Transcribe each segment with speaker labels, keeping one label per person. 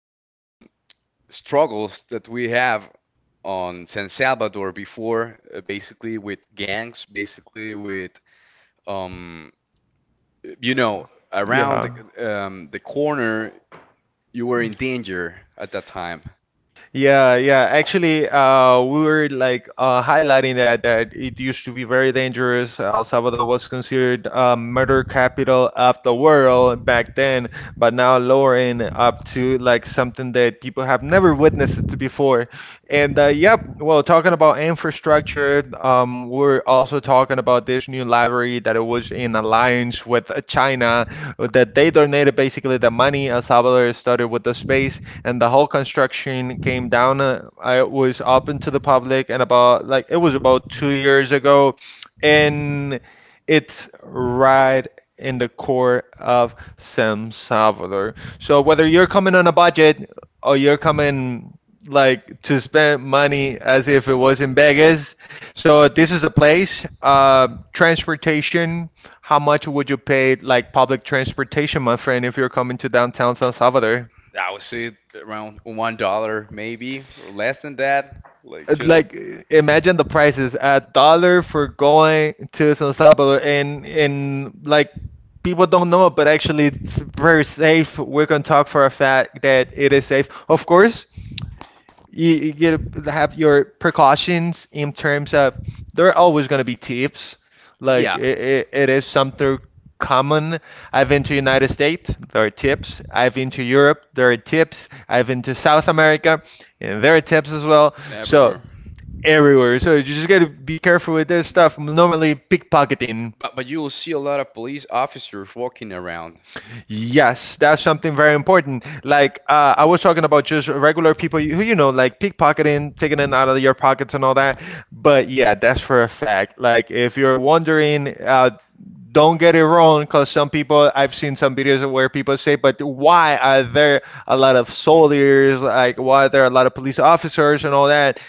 Speaker 1: um, struggles that we have on San Salvador before, basically with gangs, basically with um, you know, around
Speaker 2: Yeah.
Speaker 1: the corner, you were in danger at that time.
Speaker 2: Yeah, yeah. Actually, we were like highlighting that it used to be very dangerous. El Salvador was considered murder capital of the world back then, but now lowering up to like something that people have never witnessed to before. And yep, well, talking about infrastructure, we're also talking about this new library that it was in alliance with China, that they donated basically the money. El Salvador started with the space and the whole construction came down. I was open to the public, and about like it was about 2 years ago, and it's right in the core of San Salvador. So whether you're coming on a budget or you're coming like to spend money as if it was in Vegas, so this is the place. Transportation, how much would you pay like public transportation, my friend, if you're coming to downtown San Salvador?
Speaker 1: I would say around $1 maybe or less than that. Like
Speaker 2: It's
Speaker 1: just
Speaker 2: like imagine the prices at dollar for going to San Salvador, and like people don't know, but actually it's very safe. We're gonna talk for a fact that it is safe. Of course you, you get to have your precautions in terms of there are always gonna be thieves, like
Speaker 1: yeah,
Speaker 2: it is something common. I've been to United States, there are tips. I've been to Europe, there are tips. I've been to South America, and there are tips as well, so
Speaker 1: everywhere.
Speaker 2: everywhere. So you just gotta be careful with this stuff. Normally, pickpocketing,
Speaker 1: But you will see a lot of police officers walking around.
Speaker 2: yes, that's something very important. Like I was talking about just regular people who you know, like pickpocketing, taking it out of your pockets and all that. But yeah, that's for a fact, like if you're wondering. Don't get it wrong, because some people, I've seen some videos where people say, but why are there a lot of soldiers, like why are there a lot of police officers and all that?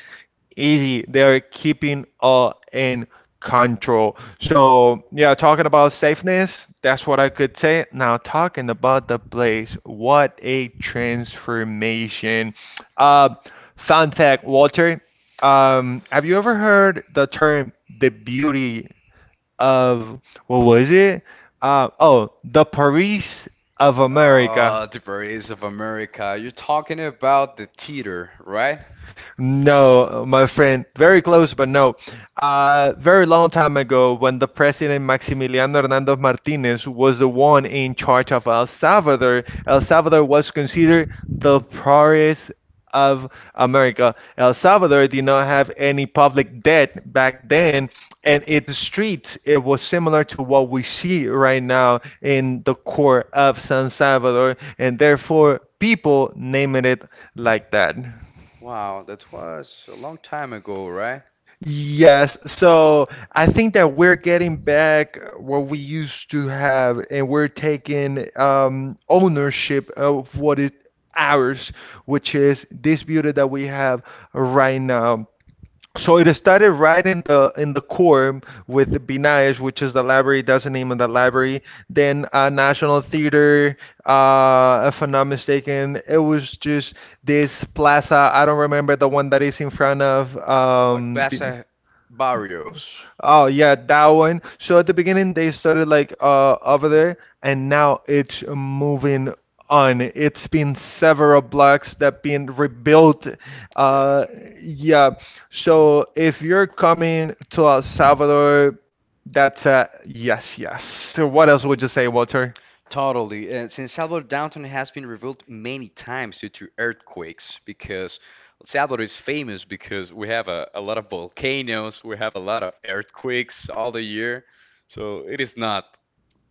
Speaker 2: Easy. They're keeping all in control. So, yeah, talking about safeness, that's what I could say. Now, talking about the place, what a transformation. Uh, Fun fact, Walter, have you ever heard the term the beauty of what was it? Oh, the Paris of America.
Speaker 1: Oh, the berets of America. You're talking about the theater, right?
Speaker 2: No, my friend, very close, but no. Very long time ago, when the president Maximiliano Hernandez Martinez was the one in charge of El Salvador, El Salvador was considered the poorest of America. El Salvador did not have any public debt back then, and its streets it was similar to what we see right now in the core of San Salvador, and therefore people naming it like that.
Speaker 1: Wow, that was a long time ago, right?
Speaker 2: Yes, so I think that we're getting back what we used to have, and we're taking ownership of what is ours, which is this beauty that we have right now. So it started right in the core with the Binayesh, which is the library. That's the name of the library. Then National Theater, if I'm not mistaken, it was just this plaza. I don't remember the one that is in front of
Speaker 1: Like
Speaker 2: Bi-
Speaker 1: Plaza Barrios.
Speaker 2: Oh yeah, that one. So at the beginning they started like over there, and now it's moving on. It's been several blocks that been rebuilt.
Speaker 1: Yeah,
Speaker 2: Uh yeah. So if you're coming to El Salvador, that's a yes, yes. So what else would you say, Walter?
Speaker 1: totally. And since Salvador downtown has been rebuilt many times due to earthquakes, because Salvador is famous because we have a lot of volcanoes, we have a lot of earthquakes all the year, so it is not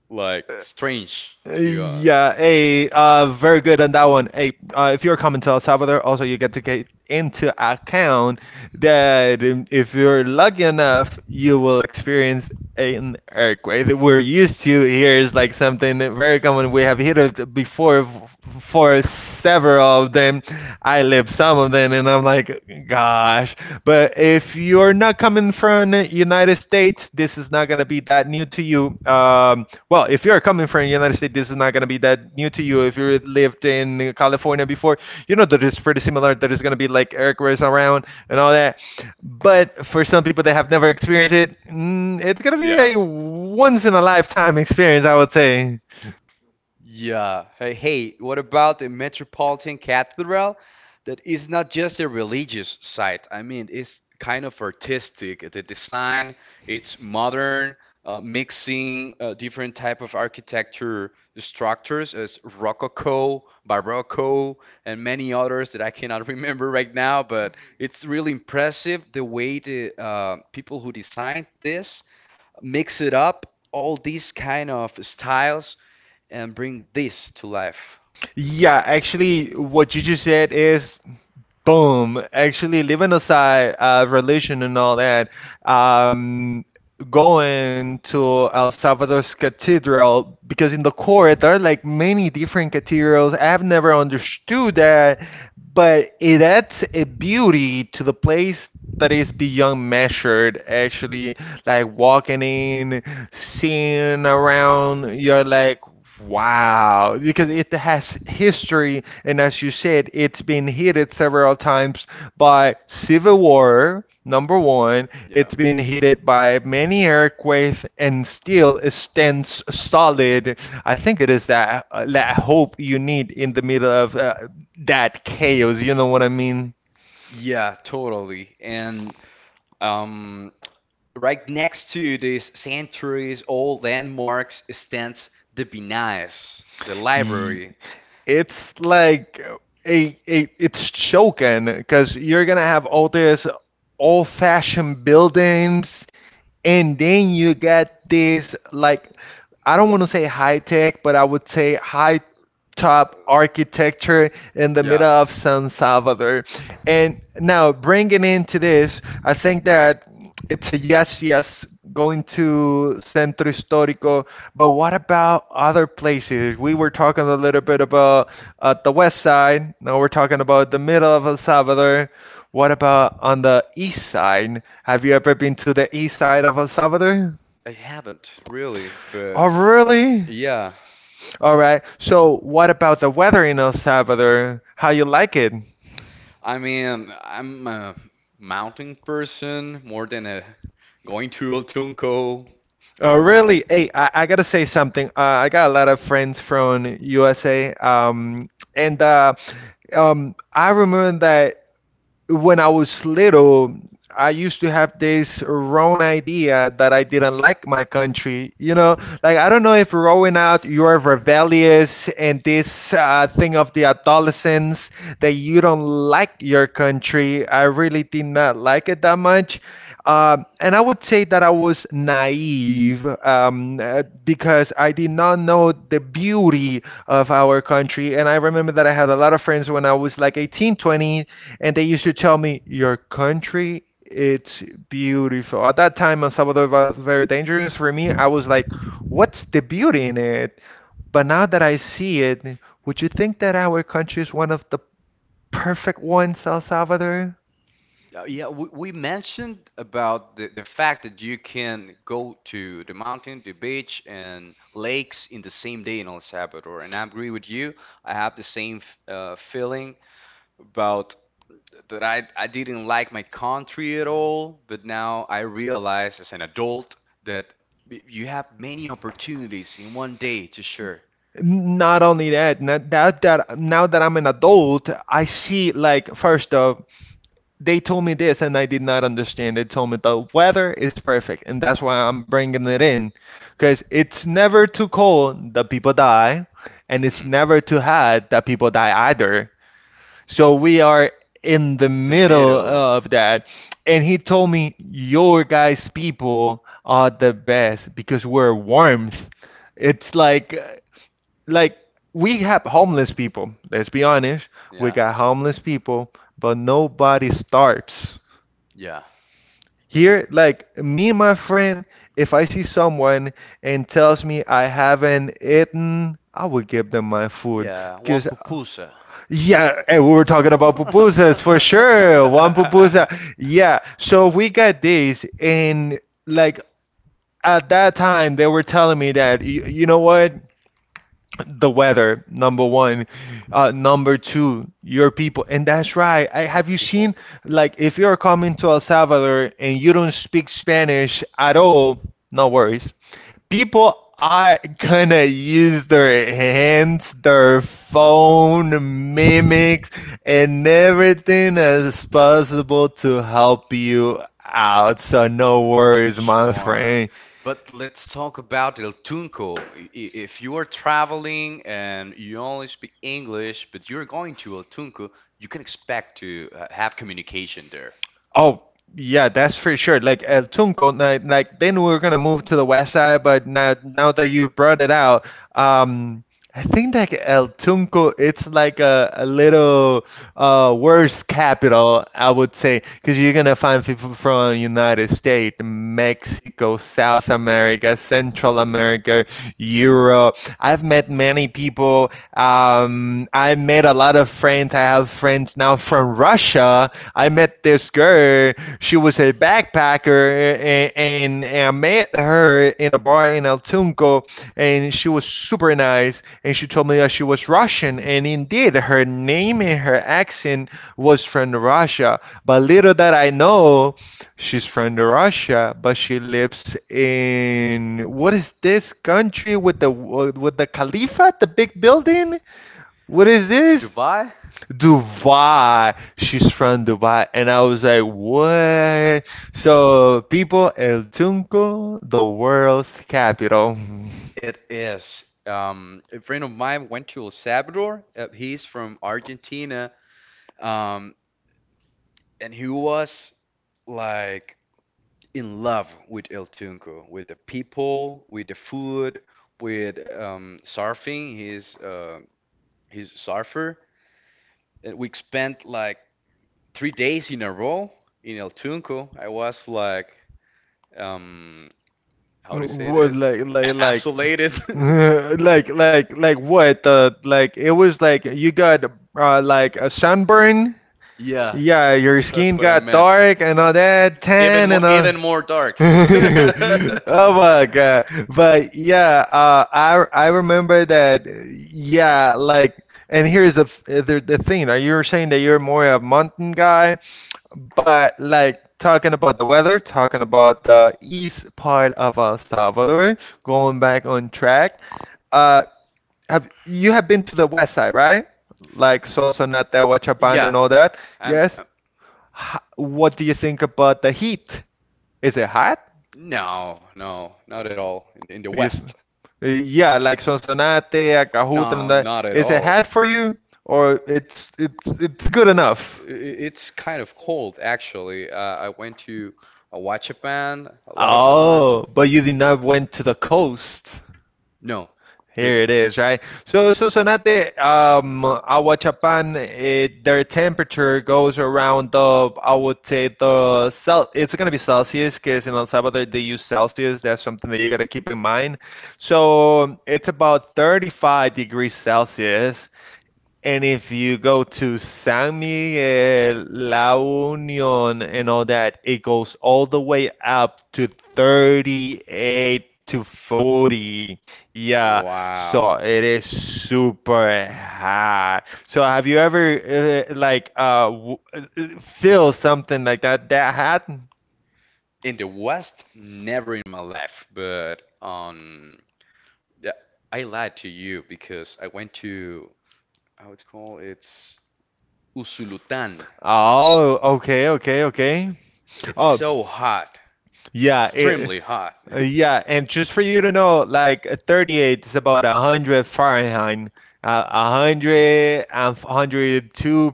Speaker 1: like strange to
Speaker 2: Yeah, hey, very good on that one. Hey, if you're coming to El Salvador, also you get to get into account that if you're lucky enough, you will experience an earthquake. We're used to here, is like something that very common. We have hit it before for several of them. I lived some of them, and I'm like, gosh. But if you're not coming from the United States, this is not going to be that new to you. Well, if you're coming from the United States, this is not going to be that new to you. If you lived in California before, you know that it's pretty similar. That it's going to be like Eric was around and all that. But for some people that have never experienced it, it's going to be
Speaker 1: yeah.
Speaker 2: a once in a lifetime experience, I would say.
Speaker 1: Yeah. Hey, hey, what about the Metropolitan Cathedral? That is not just a religious site. I mean, it's kind of artistic. The design, it's modern, mixing different type of architecture structures as Rococo, Barocco, and many others that I cannot remember right now. But it's really impressive the way the people who designed this mix it up all these kind of styles and bring this to life.
Speaker 2: Yeah, actually, what you just said is boom. Actually, leaving aside religion and all that, um, going to El Salvador's cathedral, because in the core there are like many different cathedrals. I've never understood that, but it adds a beauty to the place that is beyond measured. Actually, like walking in, seeing around, you're like, wow, because it has history. And as you said, it's been hit several times by civil war, number one,
Speaker 1: Yeah.
Speaker 2: it's been hit by many earthquakes, and still it stands solid. I think it is that that hope you need in the middle of that chaos, you know what I mean?
Speaker 1: Yeah, totally. And um, right next to these centuries old landmarks stands the Binais, the
Speaker 2: Ye-
Speaker 1: library.
Speaker 2: It's like a it's choking, because you're gonna have all this old-fashioned buildings, and then you get this like, I don't want to say high tech, but I would say high top architecture in the
Speaker 1: Yeah.
Speaker 2: middle of San Salvador. And now bringing into this, I think that it's a yes, yes, going to Centro Histórico. But what about other places? We were talking a little bit about the west side. Now we're talking about the middle of El Salvador. What about on the east side? Have you ever been to the east side of El Salvador?
Speaker 1: I haven't really, but
Speaker 2: Oh, really?
Speaker 1: yeah.
Speaker 2: All right. So, what about the weather in El Salvador? How you like it?
Speaker 1: I mean, I'm a mountain person more than a going to El Tunco.
Speaker 2: Oh, really? Hey, I gotta say something. I got a lot of friends from USA, and I remember that when I was little, I used to have this wrong idea that I didn't like my country. You know, like I don't know if growing out you are rebellious and this thing of the adolescence that you don't like your country. I really did not like it that much. And I would say that I was naive because I did not know the beauty of our country. And I remember that I had a lot of friends when I was like 18, 20. And they used to tell me, your country, it's beautiful. At that time, El Salvador was very dangerous for me. I was like, what's the beauty in it? But now that I see it, would you think that our country is one of the perfect ones, El Salvador?
Speaker 1: Yeah, we mentioned about the fact that you can go to the mountain, the beach, and lakes in the same day in El Salvador, and I agree with you. I have the same feeling about that I didn't like my country at all, but now I realize as an adult that you have many opportunities in one day to share.
Speaker 2: Not only that, not that, that now that I'm an adult, I see like first off, they told me this and I did not understand. They told me the weather is perfect, and that's why I'm bringing it in, because it's never too cold that people die, and it's
Speaker 1: Hmm.
Speaker 2: never too hot that people die either. So we are in the
Speaker 1: The
Speaker 2: middle
Speaker 1: middle,
Speaker 2: of that. And he told me, your guys' people are the best because we're warmth. It's like, like, we have homeless people. Let's be honest. We
Speaker 1: yeah,
Speaker 2: got homeless people, but nobody starves
Speaker 1: yeah.
Speaker 2: here. Like me and my friend, if I see someone and tells me I haven't eaten, I would give them my food.
Speaker 1: Yeah, one
Speaker 2: Cause
Speaker 1: pupusa.
Speaker 2: yeah, and we were talking about pupusas for sure. One pupusa. Yeah. So we got these, and like at that time they were telling me that you know what? The weather, number one. Number two, your people. And that's right. I,
Speaker 1: The
Speaker 2: have you
Speaker 1: people.
Speaker 2: seen, like, if you're coming to El Salvador and you don't speak Spanish at all, no worries. People are gonna use their hands, their phone, mimics, and everything as possible to help you out. So no worries, my
Speaker 1: Sure.
Speaker 2: friend.
Speaker 1: But let's talk about El Tunco. If you are traveling and you only speak English, but you're going to El Tunco, you can expect to have communication there.
Speaker 2: Oh, yeah, that's for sure. Like El Tunco, like then we are gonna move to the west side, but now that you brought it out, um, I think like El Tunco, it's like a little worse capital, I would say, because you're gonna find people from United States, Mexico, South America, Central America, Europe. I've met many people, I made a lot of friends. I have friends now from Russia. I met this girl. She was a backpacker, and, I met her in a bar in El Tunco. And she was super nice. And she told me that she was Russian, and indeed, her name and her accent was from Russia. But little that I know, she's from Russia, but she lives in what is this country with the Khalifa, the big building? What is this?
Speaker 1: Dubai?
Speaker 2: Dubai. She's from Dubai. And I was like, what? So, people, El Tunco, the world's capital.
Speaker 1: It is. A friend of mine went to El Salvador. He's from Argentina, um, and he was like in love with El Tunco, with the people, with the food, with surfing. He's a surfer. And we spent like 3 days in a row in El Tunco. I was like um, how do you say
Speaker 2: What,
Speaker 1: this? Isolated.
Speaker 2: what? Like, it was like you got like a sunburn. Yeah,
Speaker 1: Yeah.
Speaker 2: yeah, your
Speaker 1: That's
Speaker 2: skin
Speaker 1: what I
Speaker 2: got
Speaker 1: meant.
Speaker 2: dark and all that, tan and all.
Speaker 1: Even more dark.
Speaker 2: Oh my God. But yeah, I remember that. Yeah, like, and here's the thing. Now you were saying that you're more a mountain guy, but like talking about the weather, talking about the east part of El Salvador, going back on track. Uh, have you have been to the west side, right? Like Sonsonate, Huachapan,
Speaker 1: Yeah.
Speaker 2: and all that.
Speaker 1: I'm,
Speaker 2: Yes.
Speaker 1: uh,
Speaker 2: What do you think about the heat? Is it hot?
Speaker 1: no, no, not at all. In the
Speaker 2: Do
Speaker 1: West.
Speaker 2: Yeah, like Sonsonate, Acajutla, and
Speaker 1: No,
Speaker 2: that.
Speaker 1: not at
Speaker 2: Is it
Speaker 1: all.
Speaker 2: hot for you, or it's good enough?
Speaker 1: It's kind of cold, actually. I went to a watch a band a lot of time.
Speaker 2: Oh, but you did not went to the coast.
Speaker 1: No,
Speaker 2: Here
Speaker 1: didn't.
Speaker 2: it
Speaker 1: It.
Speaker 2: is, right? So Sonsonate, Aguachapan, it, their temperature goes around the, I would say the cel. It's gonna be Celsius because in El Salvador they use Celsius. That's something that you gotta keep in mind. So it's about 35 degrees Celsius. And if you go to San Miguel, La Union, and all that, it goes all the way up to 38 to 40. Yeah,
Speaker 1: Wow.
Speaker 2: so it is
Speaker 1: So
Speaker 2: super hot. So have you ever feel something like that that hot?
Speaker 1: in the West, never in my life, but yeah, I lied to you because I went to how it's called? It's Usulután.
Speaker 2: Oh, okay, okay, okay.
Speaker 1: It's
Speaker 2: Oh,
Speaker 1: oh, so hot,
Speaker 2: yeah, it,
Speaker 1: extremely hot.
Speaker 2: yeah, and just for you to know, like 38 is about 100 Fahrenheit, 100,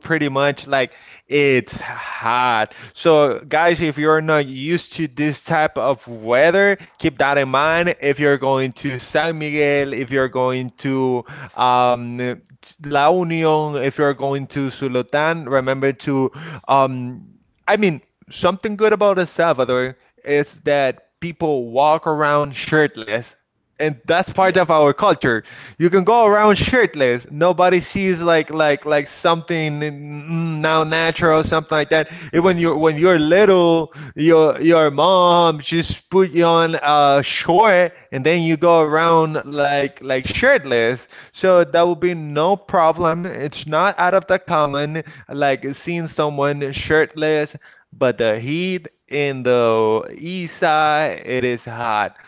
Speaker 2: pretty much like it's hot. So guys, if you're not used to this type of weather, keep that in mind. If you're going to San Miguel, if you're going to um, La Union, if you're going to Sultan, remember to um, I mean, something good about El Salvador is that people walk around shirtless, and that's part
Speaker 1: Yeah.
Speaker 2: of our culture. You can go around shirtless. Nobody sees like something now natural, something like that. Even when you're little, your mom just put you on a short, and then you go around like shirtless. So that will be no problem. It's not out of the common, like seeing someone shirtless, but the heat in the east side, it is hot.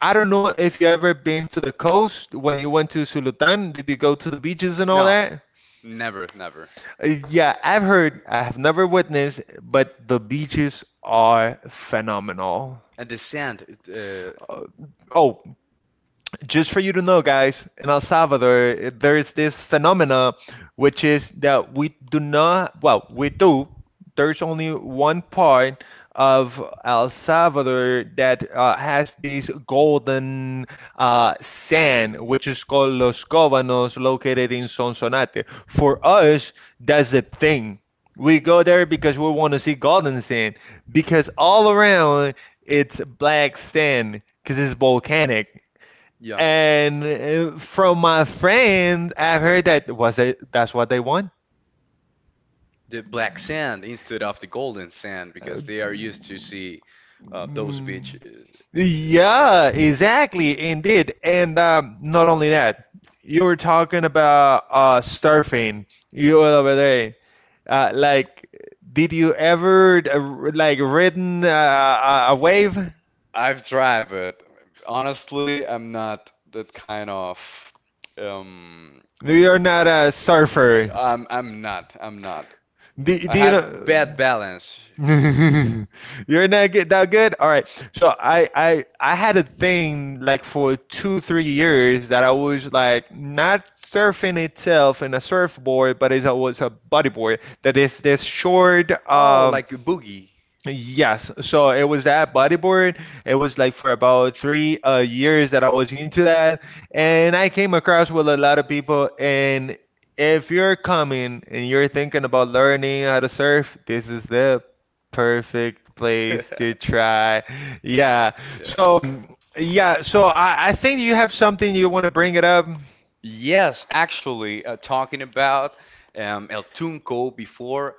Speaker 2: I don't know if you ever been to the
Speaker 1: Those
Speaker 2: coast
Speaker 1: who
Speaker 2: when you went to Sultan. Did you go to the beaches and all
Speaker 1: no.
Speaker 2: that?
Speaker 1: Never, never.
Speaker 2: Yeah, I've heard, I have never witnessed, but the beaches are phenomenal.
Speaker 1: And the sand,
Speaker 2: Oh, just for you to know, guys, in El Salvador, there is this phenomena, which is that we do not, well, we do. There's only one part of El Salvador that has this golden sand, which is called Los Cobanos, located in Sonsonate. For us, that's a thing. We go there because we want to see golden sand, because all around it's black sand, because it's volcanic.
Speaker 1: yeah,
Speaker 2: And from my friend, I've heard that was it, that's what they want.
Speaker 1: the black sand instead of the golden sand
Speaker 2: Uh,
Speaker 1: because they are used to see those
Speaker 2: mm,
Speaker 1: beaches. Beaches, yeah.
Speaker 2: yeah, exactly, indeed. And not only that, you were talking about surfing. You were over there. Like, did you ever like ridden a wave?
Speaker 1: I've tried, but honestly, I'm not that kind of. Um,
Speaker 2: You're not a surfer.
Speaker 1: I'm not. I'm not.
Speaker 2: Do,
Speaker 1: I
Speaker 2: do you
Speaker 1: have bad
Speaker 2: know?
Speaker 1: balance.
Speaker 2: You're not good, that good. All right. So I had a thing like for 2 3 years that I was like not surfing itself in a surfboard, but it was a bodyboard that is this short
Speaker 1: Oh, like a boogie.
Speaker 2: yes, so it was that bodyboard. It was like for about three years that I was into that,
Speaker 1: Wow.
Speaker 2: and I came across with a lot of people. And if you're coming and you're thinking about learning how to surf, this is the perfect place to try. Yeah.
Speaker 1: Yes.
Speaker 2: So yeah. So I think you have something you want to bring it up.
Speaker 1: Yes, actually, talking about El Tunco before,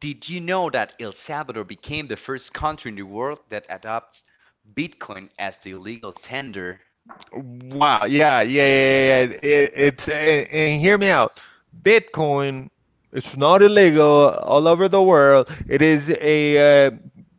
Speaker 1: did you know that El Salvador became the first country in the world that adopts Bitcoin as the legal tender?
Speaker 2: Wow. Yeah. Yeah. Yeah. Yeah. Yeah. And hear me out. Bitcoin, it's not illegal all over the world. It is a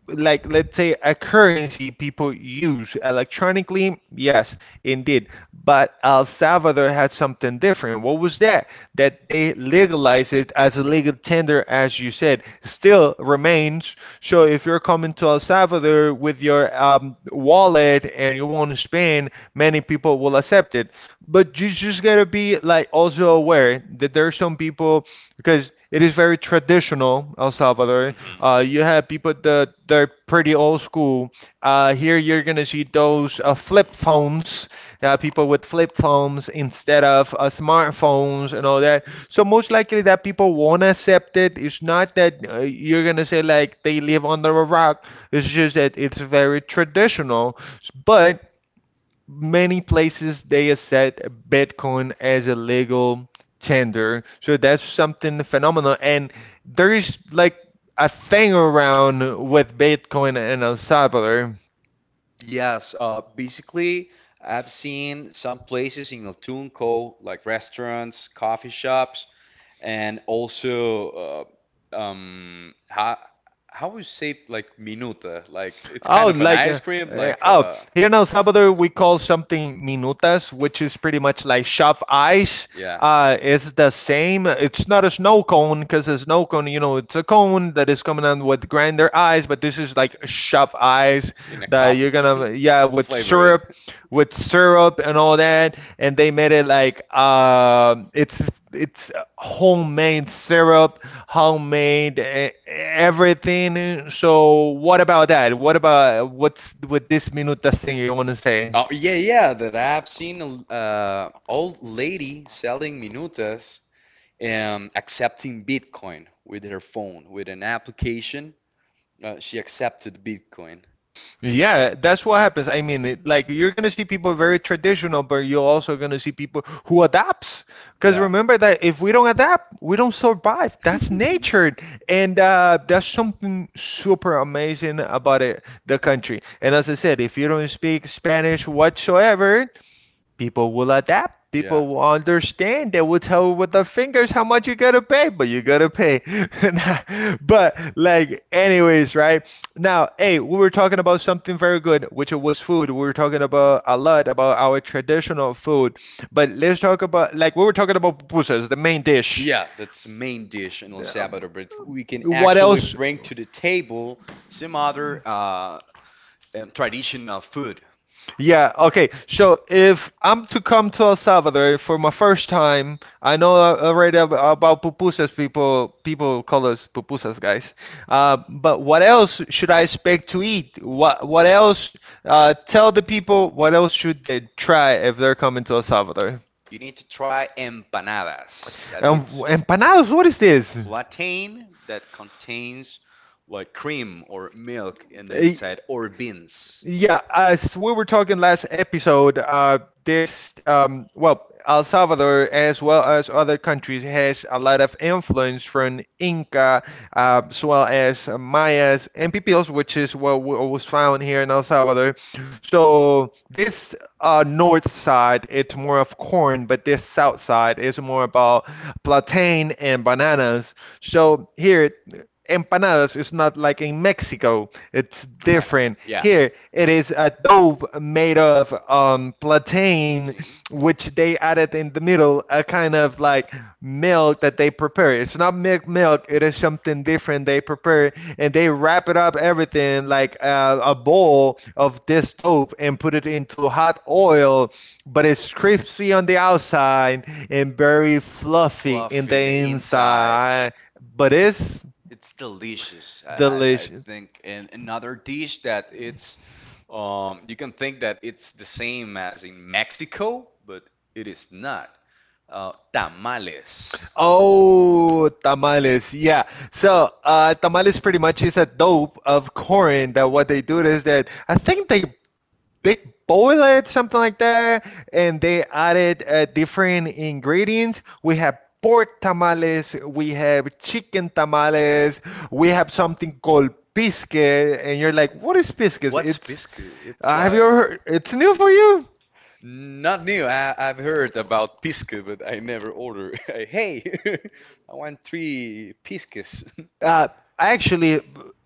Speaker 2: like let's say a currency people use electronically. Yes, indeed. But El Salvador had something different. What was that? That they legalized it as a legal tender, as you said, still remains. So if you're coming to El Salvador with your wallet and you want to spend, many people will accept it. But you just gotta be like also aware that there are some people because it is very traditional El Salvador.
Speaker 1: Mhm.
Speaker 2: You have people that they're pretty old school. Here you're gonna see those flip phones, people with flip phones instead of smartphones and all that. So most likely that people won't accept it. It's not that you're gonna say like they live under a rock. It's just that it's very traditional. But many places they accept Bitcoin as a legal tender. So that's something phenomenal. And there is like a thing around with Bitcoin in El Salvador.
Speaker 1: Yes, basically, I've seen some places in El Tunco, like restaurants, coffee shops, and also, how would you say like minuta? Like it's
Speaker 2: Oh,
Speaker 1: kind of an
Speaker 2: like
Speaker 1: ice cream, like
Speaker 2: oh, here in El Salvador we call something minutas, which is pretty much like shove ice.
Speaker 1: Yeah.
Speaker 2: It's the same. It's not a snow cone because a snow cone, you know, it's a cone that is coming on with grinder ice, but this is like shove ice
Speaker 1: In a
Speaker 2: that
Speaker 1: cup.
Speaker 2: you're gonna, yeah,
Speaker 1: Flavor it.
Speaker 2: with syrup and all that, and they made it like it's homemade syrup, homemade everything. So what about that? What about what's with this minutas thing you want to say?
Speaker 1: Oh yeah, yeah. That I've seen a old lady selling minutas accepting Bitcoin with her phone, with an application. She accepted Bitcoin.
Speaker 2: Yeah, that's what happens. I mean, it, like you're gonna see people very traditional, but you're also gonna see people who adapts. Because
Speaker 1: Yeah.
Speaker 2: remember that if we don't adapt, we don't survive. That's nature, and that's something super amazing about it, the country. And as I said, if you don't speak Spanish whatsoever, people will adapt.
Speaker 1: Yeah.
Speaker 2: People will understand. They will tell with their fingers how much you gotta pay, but you gotta pay. But like, anyways, right now, hey, we were talking about something very good, which was food. We were talking about a lot about our traditional food, but let's talk about, like we were talking about pupusas, the main dish.
Speaker 1: Yeah, that's the main dish in El Salvador, but we can
Speaker 2: What
Speaker 1: actually
Speaker 2: else?
Speaker 1: bring to the table some other traditional food.
Speaker 2: Yeah, okay. So if I'm to come to El Salvador for my first time, I know already about pupusas. People call us pupusas, guys. But what else should I expect to eat? What else? Tell the people what else should they try if they're coming to El Salvador.
Speaker 1: You need to try empanadas. That it's
Speaker 2: Empanadas, what is this?
Speaker 1: plantain that contains like cream or milk in the
Speaker 2: Eh,
Speaker 1: inside or beans.
Speaker 2: Yeah, as we were talking last episode, this well, El Salvador as well as other countries has a lot of influence from Inca, as well as Mayas and Pipils, which is what was found here in El Salvador. So this north side, it's more of corn, but this south side is more about plantain and bananas. So here, empanadas is not like in Mexico, it's different.
Speaker 1: Yeah.
Speaker 2: Here, it is a dough made of plantain,
Speaker 1: Protein,
Speaker 2: which they added in the middle, a kind of like milk that they prepare. It's not milk, milk, it is something different they prepare and they wrap it up everything like a bowl of this dope and put it into hot oil, but it's crispy on the outside and very fluffy in
Speaker 1: fluffy
Speaker 2: the
Speaker 1: in the inside.
Speaker 2: inside, but it's
Speaker 1: It's delicious. I
Speaker 2: delicious.
Speaker 1: think and another dish that it's you can think that it's the same as in Mexico, but it is not. Tamales.
Speaker 2: Oh, tamales. Yeah, so tamales pretty much is a dope of corn that what they do is that I think they big boiled something like that, and they added different ingredients. We have pork tamales, we have chicken tamales, we have something called pisque, and you're like, what is pisque? It's,
Speaker 1: It's
Speaker 2: have you
Speaker 1: like
Speaker 2: ever heard? It's new for you.
Speaker 1: not new. I've heard about pisco, but I never order. Hey, I want three piscas.
Speaker 2: Uh, Actually,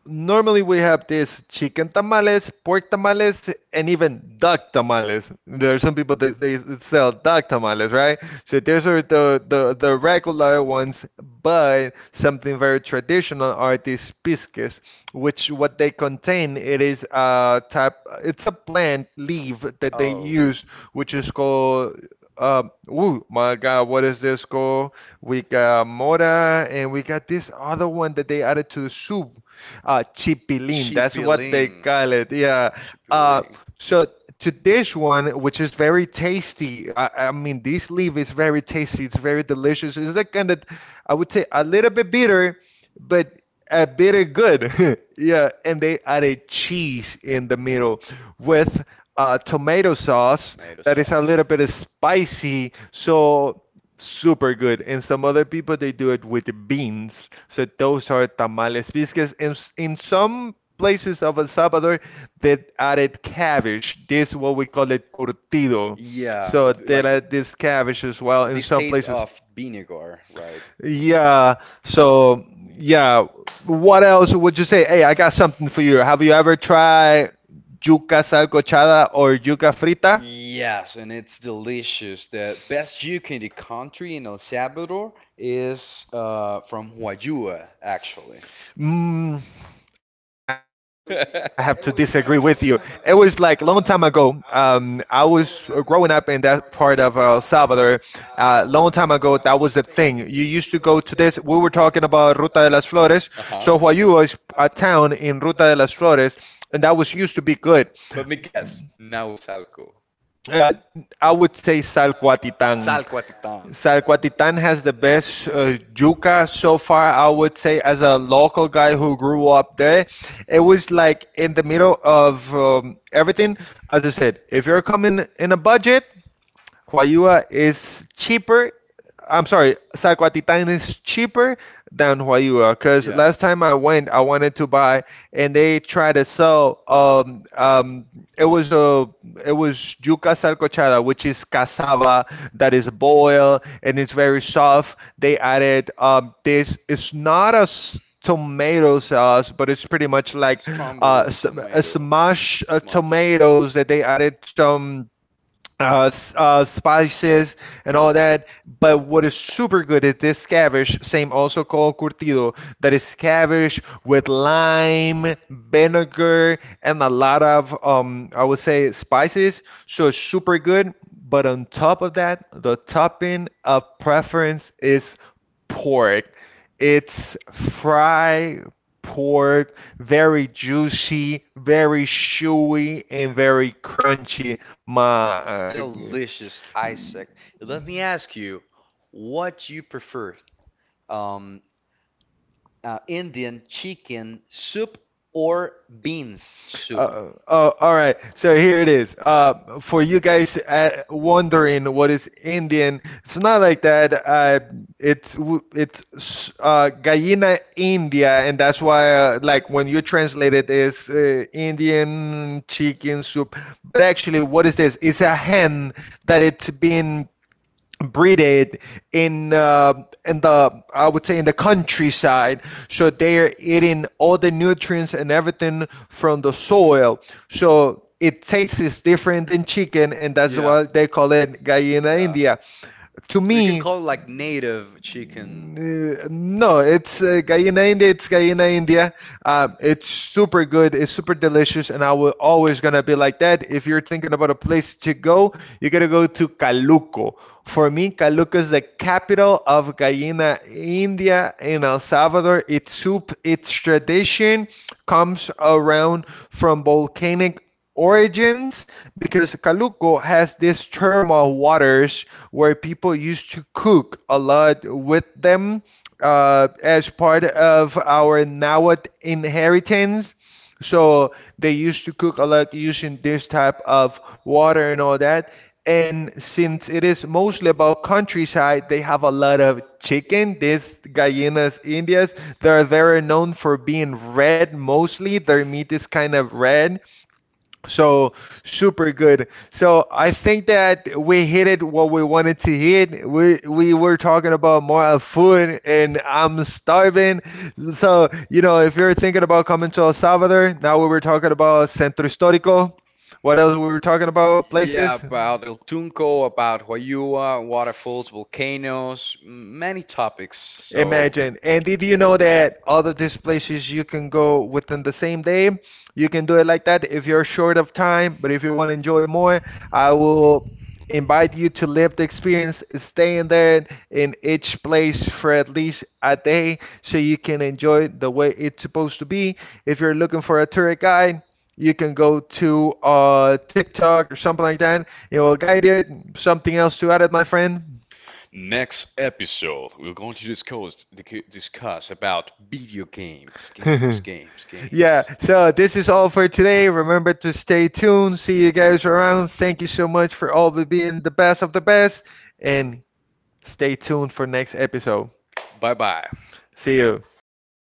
Speaker 2: normally we have this chicken tamales, pork tamales, and even duck tamales. There are some people that they sell duck tamales, right? So those are the regular ones, but something very traditional are these pisques, which what they contain, it is a type, it's a plant leaf that they
Speaker 1: Oh,
Speaker 2: use, which is called my God, what is this called? We got Mora, and we got this other one that they added to the soup. Chipilín, that's what they
Speaker 1: chipiling.
Speaker 2: call it. Yeah. Uh,
Speaker 1: Chipiling.
Speaker 2: so to this one, which is very tasty. I mean, this leaf is very tasty. It's very delicious. It's like kind of, I would say, a little bit bitter, but very good. yeah, and they added cheese in the middle with tomato sauce
Speaker 1: Tomato
Speaker 2: that is a little
Speaker 1: sauce.
Speaker 2: bit spicy. So super good. And some other people they do it with beans. So those are tamales biscuits. And in some places of El Salvador, they added cabbage. This what we call it curtido.
Speaker 1: Yeah,
Speaker 2: So
Speaker 1: with
Speaker 2: they
Speaker 1: like
Speaker 2: add this cabbage as well
Speaker 1: with
Speaker 2: in
Speaker 1: this
Speaker 2: some
Speaker 1: taste
Speaker 2: places.
Speaker 1: of vinegar, right?
Speaker 2: Yeah. So, yeah. What else would you say? Hey, I got something for you. Have you ever tried yuca salcochada or yuca frita?
Speaker 1: Yes, and it's delicious. The best yuca in the country in El Salvador is from Huayua, actually.
Speaker 2: Mm, I have to disagree with you. It was like a long time ago. I was growing up in that part of El Salvador. Long time ago, that was the thing. You used to go to this. We were talking about Ruta de las Flores.
Speaker 1: Uh-huh.
Speaker 2: So Huayú is a town in Ruta de las Flores, and that was used to be good.
Speaker 1: Let me guess. Now it's Salco.
Speaker 2: Uh, I would say
Speaker 1: Salco
Speaker 2: Salcuatitan.
Speaker 1: Atitán.
Speaker 2: Salcuatitan has the best yuca so far, I would say, as a local guy who grew up there. It was like in the middle of everything. As I said, if you're coming in a budget, Huayua is cheaper. I'm sorry, Zacuatitan is cheaper than Huayua because
Speaker 1: Yeah.
Speaker 2: last time I went, I wanted to buy, and they tried to sell. It was a it was yuca salcochada, which is cassava that is boiled and it's very soft. They added this. It's not a tomato sauce, but it's pretty much like
Speaker 1: Scrambled
Speaker 2: a
Speaker 1: tomato.
Speaker 2: smash
Speaker 1: Smash.
Speaker 2: tomatoes that they added some spices and all that. But what is super good is this cabbage, same also called curtido, that is cabbage with lime, vinegar, and a lot of I would say spices. So it's super good. But on top of that, the topping of preference is pork. It's fried pork, very juicy, very chewy, and very crunchy. My,
Speaker 1: It's
Speaker 2: uh,
Speaker 1: delicious, Isaac. Let me ask you, what you prefer? Um, Indian chicken soup or beans soup?
Speaker 2: Oh, all right. So here it is. For you guys wondering what is Indian, it's not like that. It's gallina India, and that's why like when you translate it is Indian chicken soup. But actually, what is this? It's a hen that it's been breeded in in the, I would say, in the countryside. So they're eating all the nutrients and everything from the soil. So it tastes is different than chicken, and that's
Speaker 1: Yeah,
Speaker 2: why they call it gallina
Speaker 1: yeah.
Speaker 2: india to
Speaker 1: Or you can
Speaker 2: me,
Speaker 1: call it like native chicken.
Speaker 2: no,
Speaker 1: No, it's
Speaker 2: it's
Speaker 1: gallina
Speaker 2: gallina india.
Speaker 1: india,
Speaker 2: It's
Speaker 1: it's gallina
Speaker 2: gallina
Speaker 1: india.
Speaker 2: india. It's super good. It's super delicious, and I will always gonna be like that. If you're thinking about a place to go, you gotta go to Caluco. For me, Caluco is the capital of gallina india in El Salvador. Its soup, its tradition, comes around from volcanic origins because Calooco has these thermal waters where people used to cook a lot with them as part of our Nahuatl inheritance. So they used to cook a lot using this type of water and all that. And since it is mostly about countryside, they have a lot of chicken. These Gallinas Indias, they're very known for being red mostly. Their meat is kind of red. So super good. So I think that we hit it what we wanted to hit. We were talking about more of food, and I'm starving. So, if you're thinking about coming to El Salvador, now we were talking about Centro Histórico. What else we were talking about? Places.
Speaker 1: About El Tunco, about Huayua, waterfalls, volcanoes, many topics. So,
Speaker 2: Imagine. And did you know that all of these places you can go within the same day? You can do it like that if you're short of time, but if you want to enjoy more, I will invite you to live the experience, staying there in each place for at least a day so you can enjoy it the way it's supposed to be. If you're looking for a tour guide, you can go to TikTok or something like that. It will guide you. Something else to add, my friend?
Speaker 1: next episode, we're going to discuss about video games, games,
Speaker 2: yeah,
Speaker 1: yeah.
Speaker 2: so this is all for today. Remember to stay tuned. See you guys around. Thank you so much for all the being the best of the best. And stay tuned for next episode.
Speaker 1: Bye bye.
Speaker 2: See you.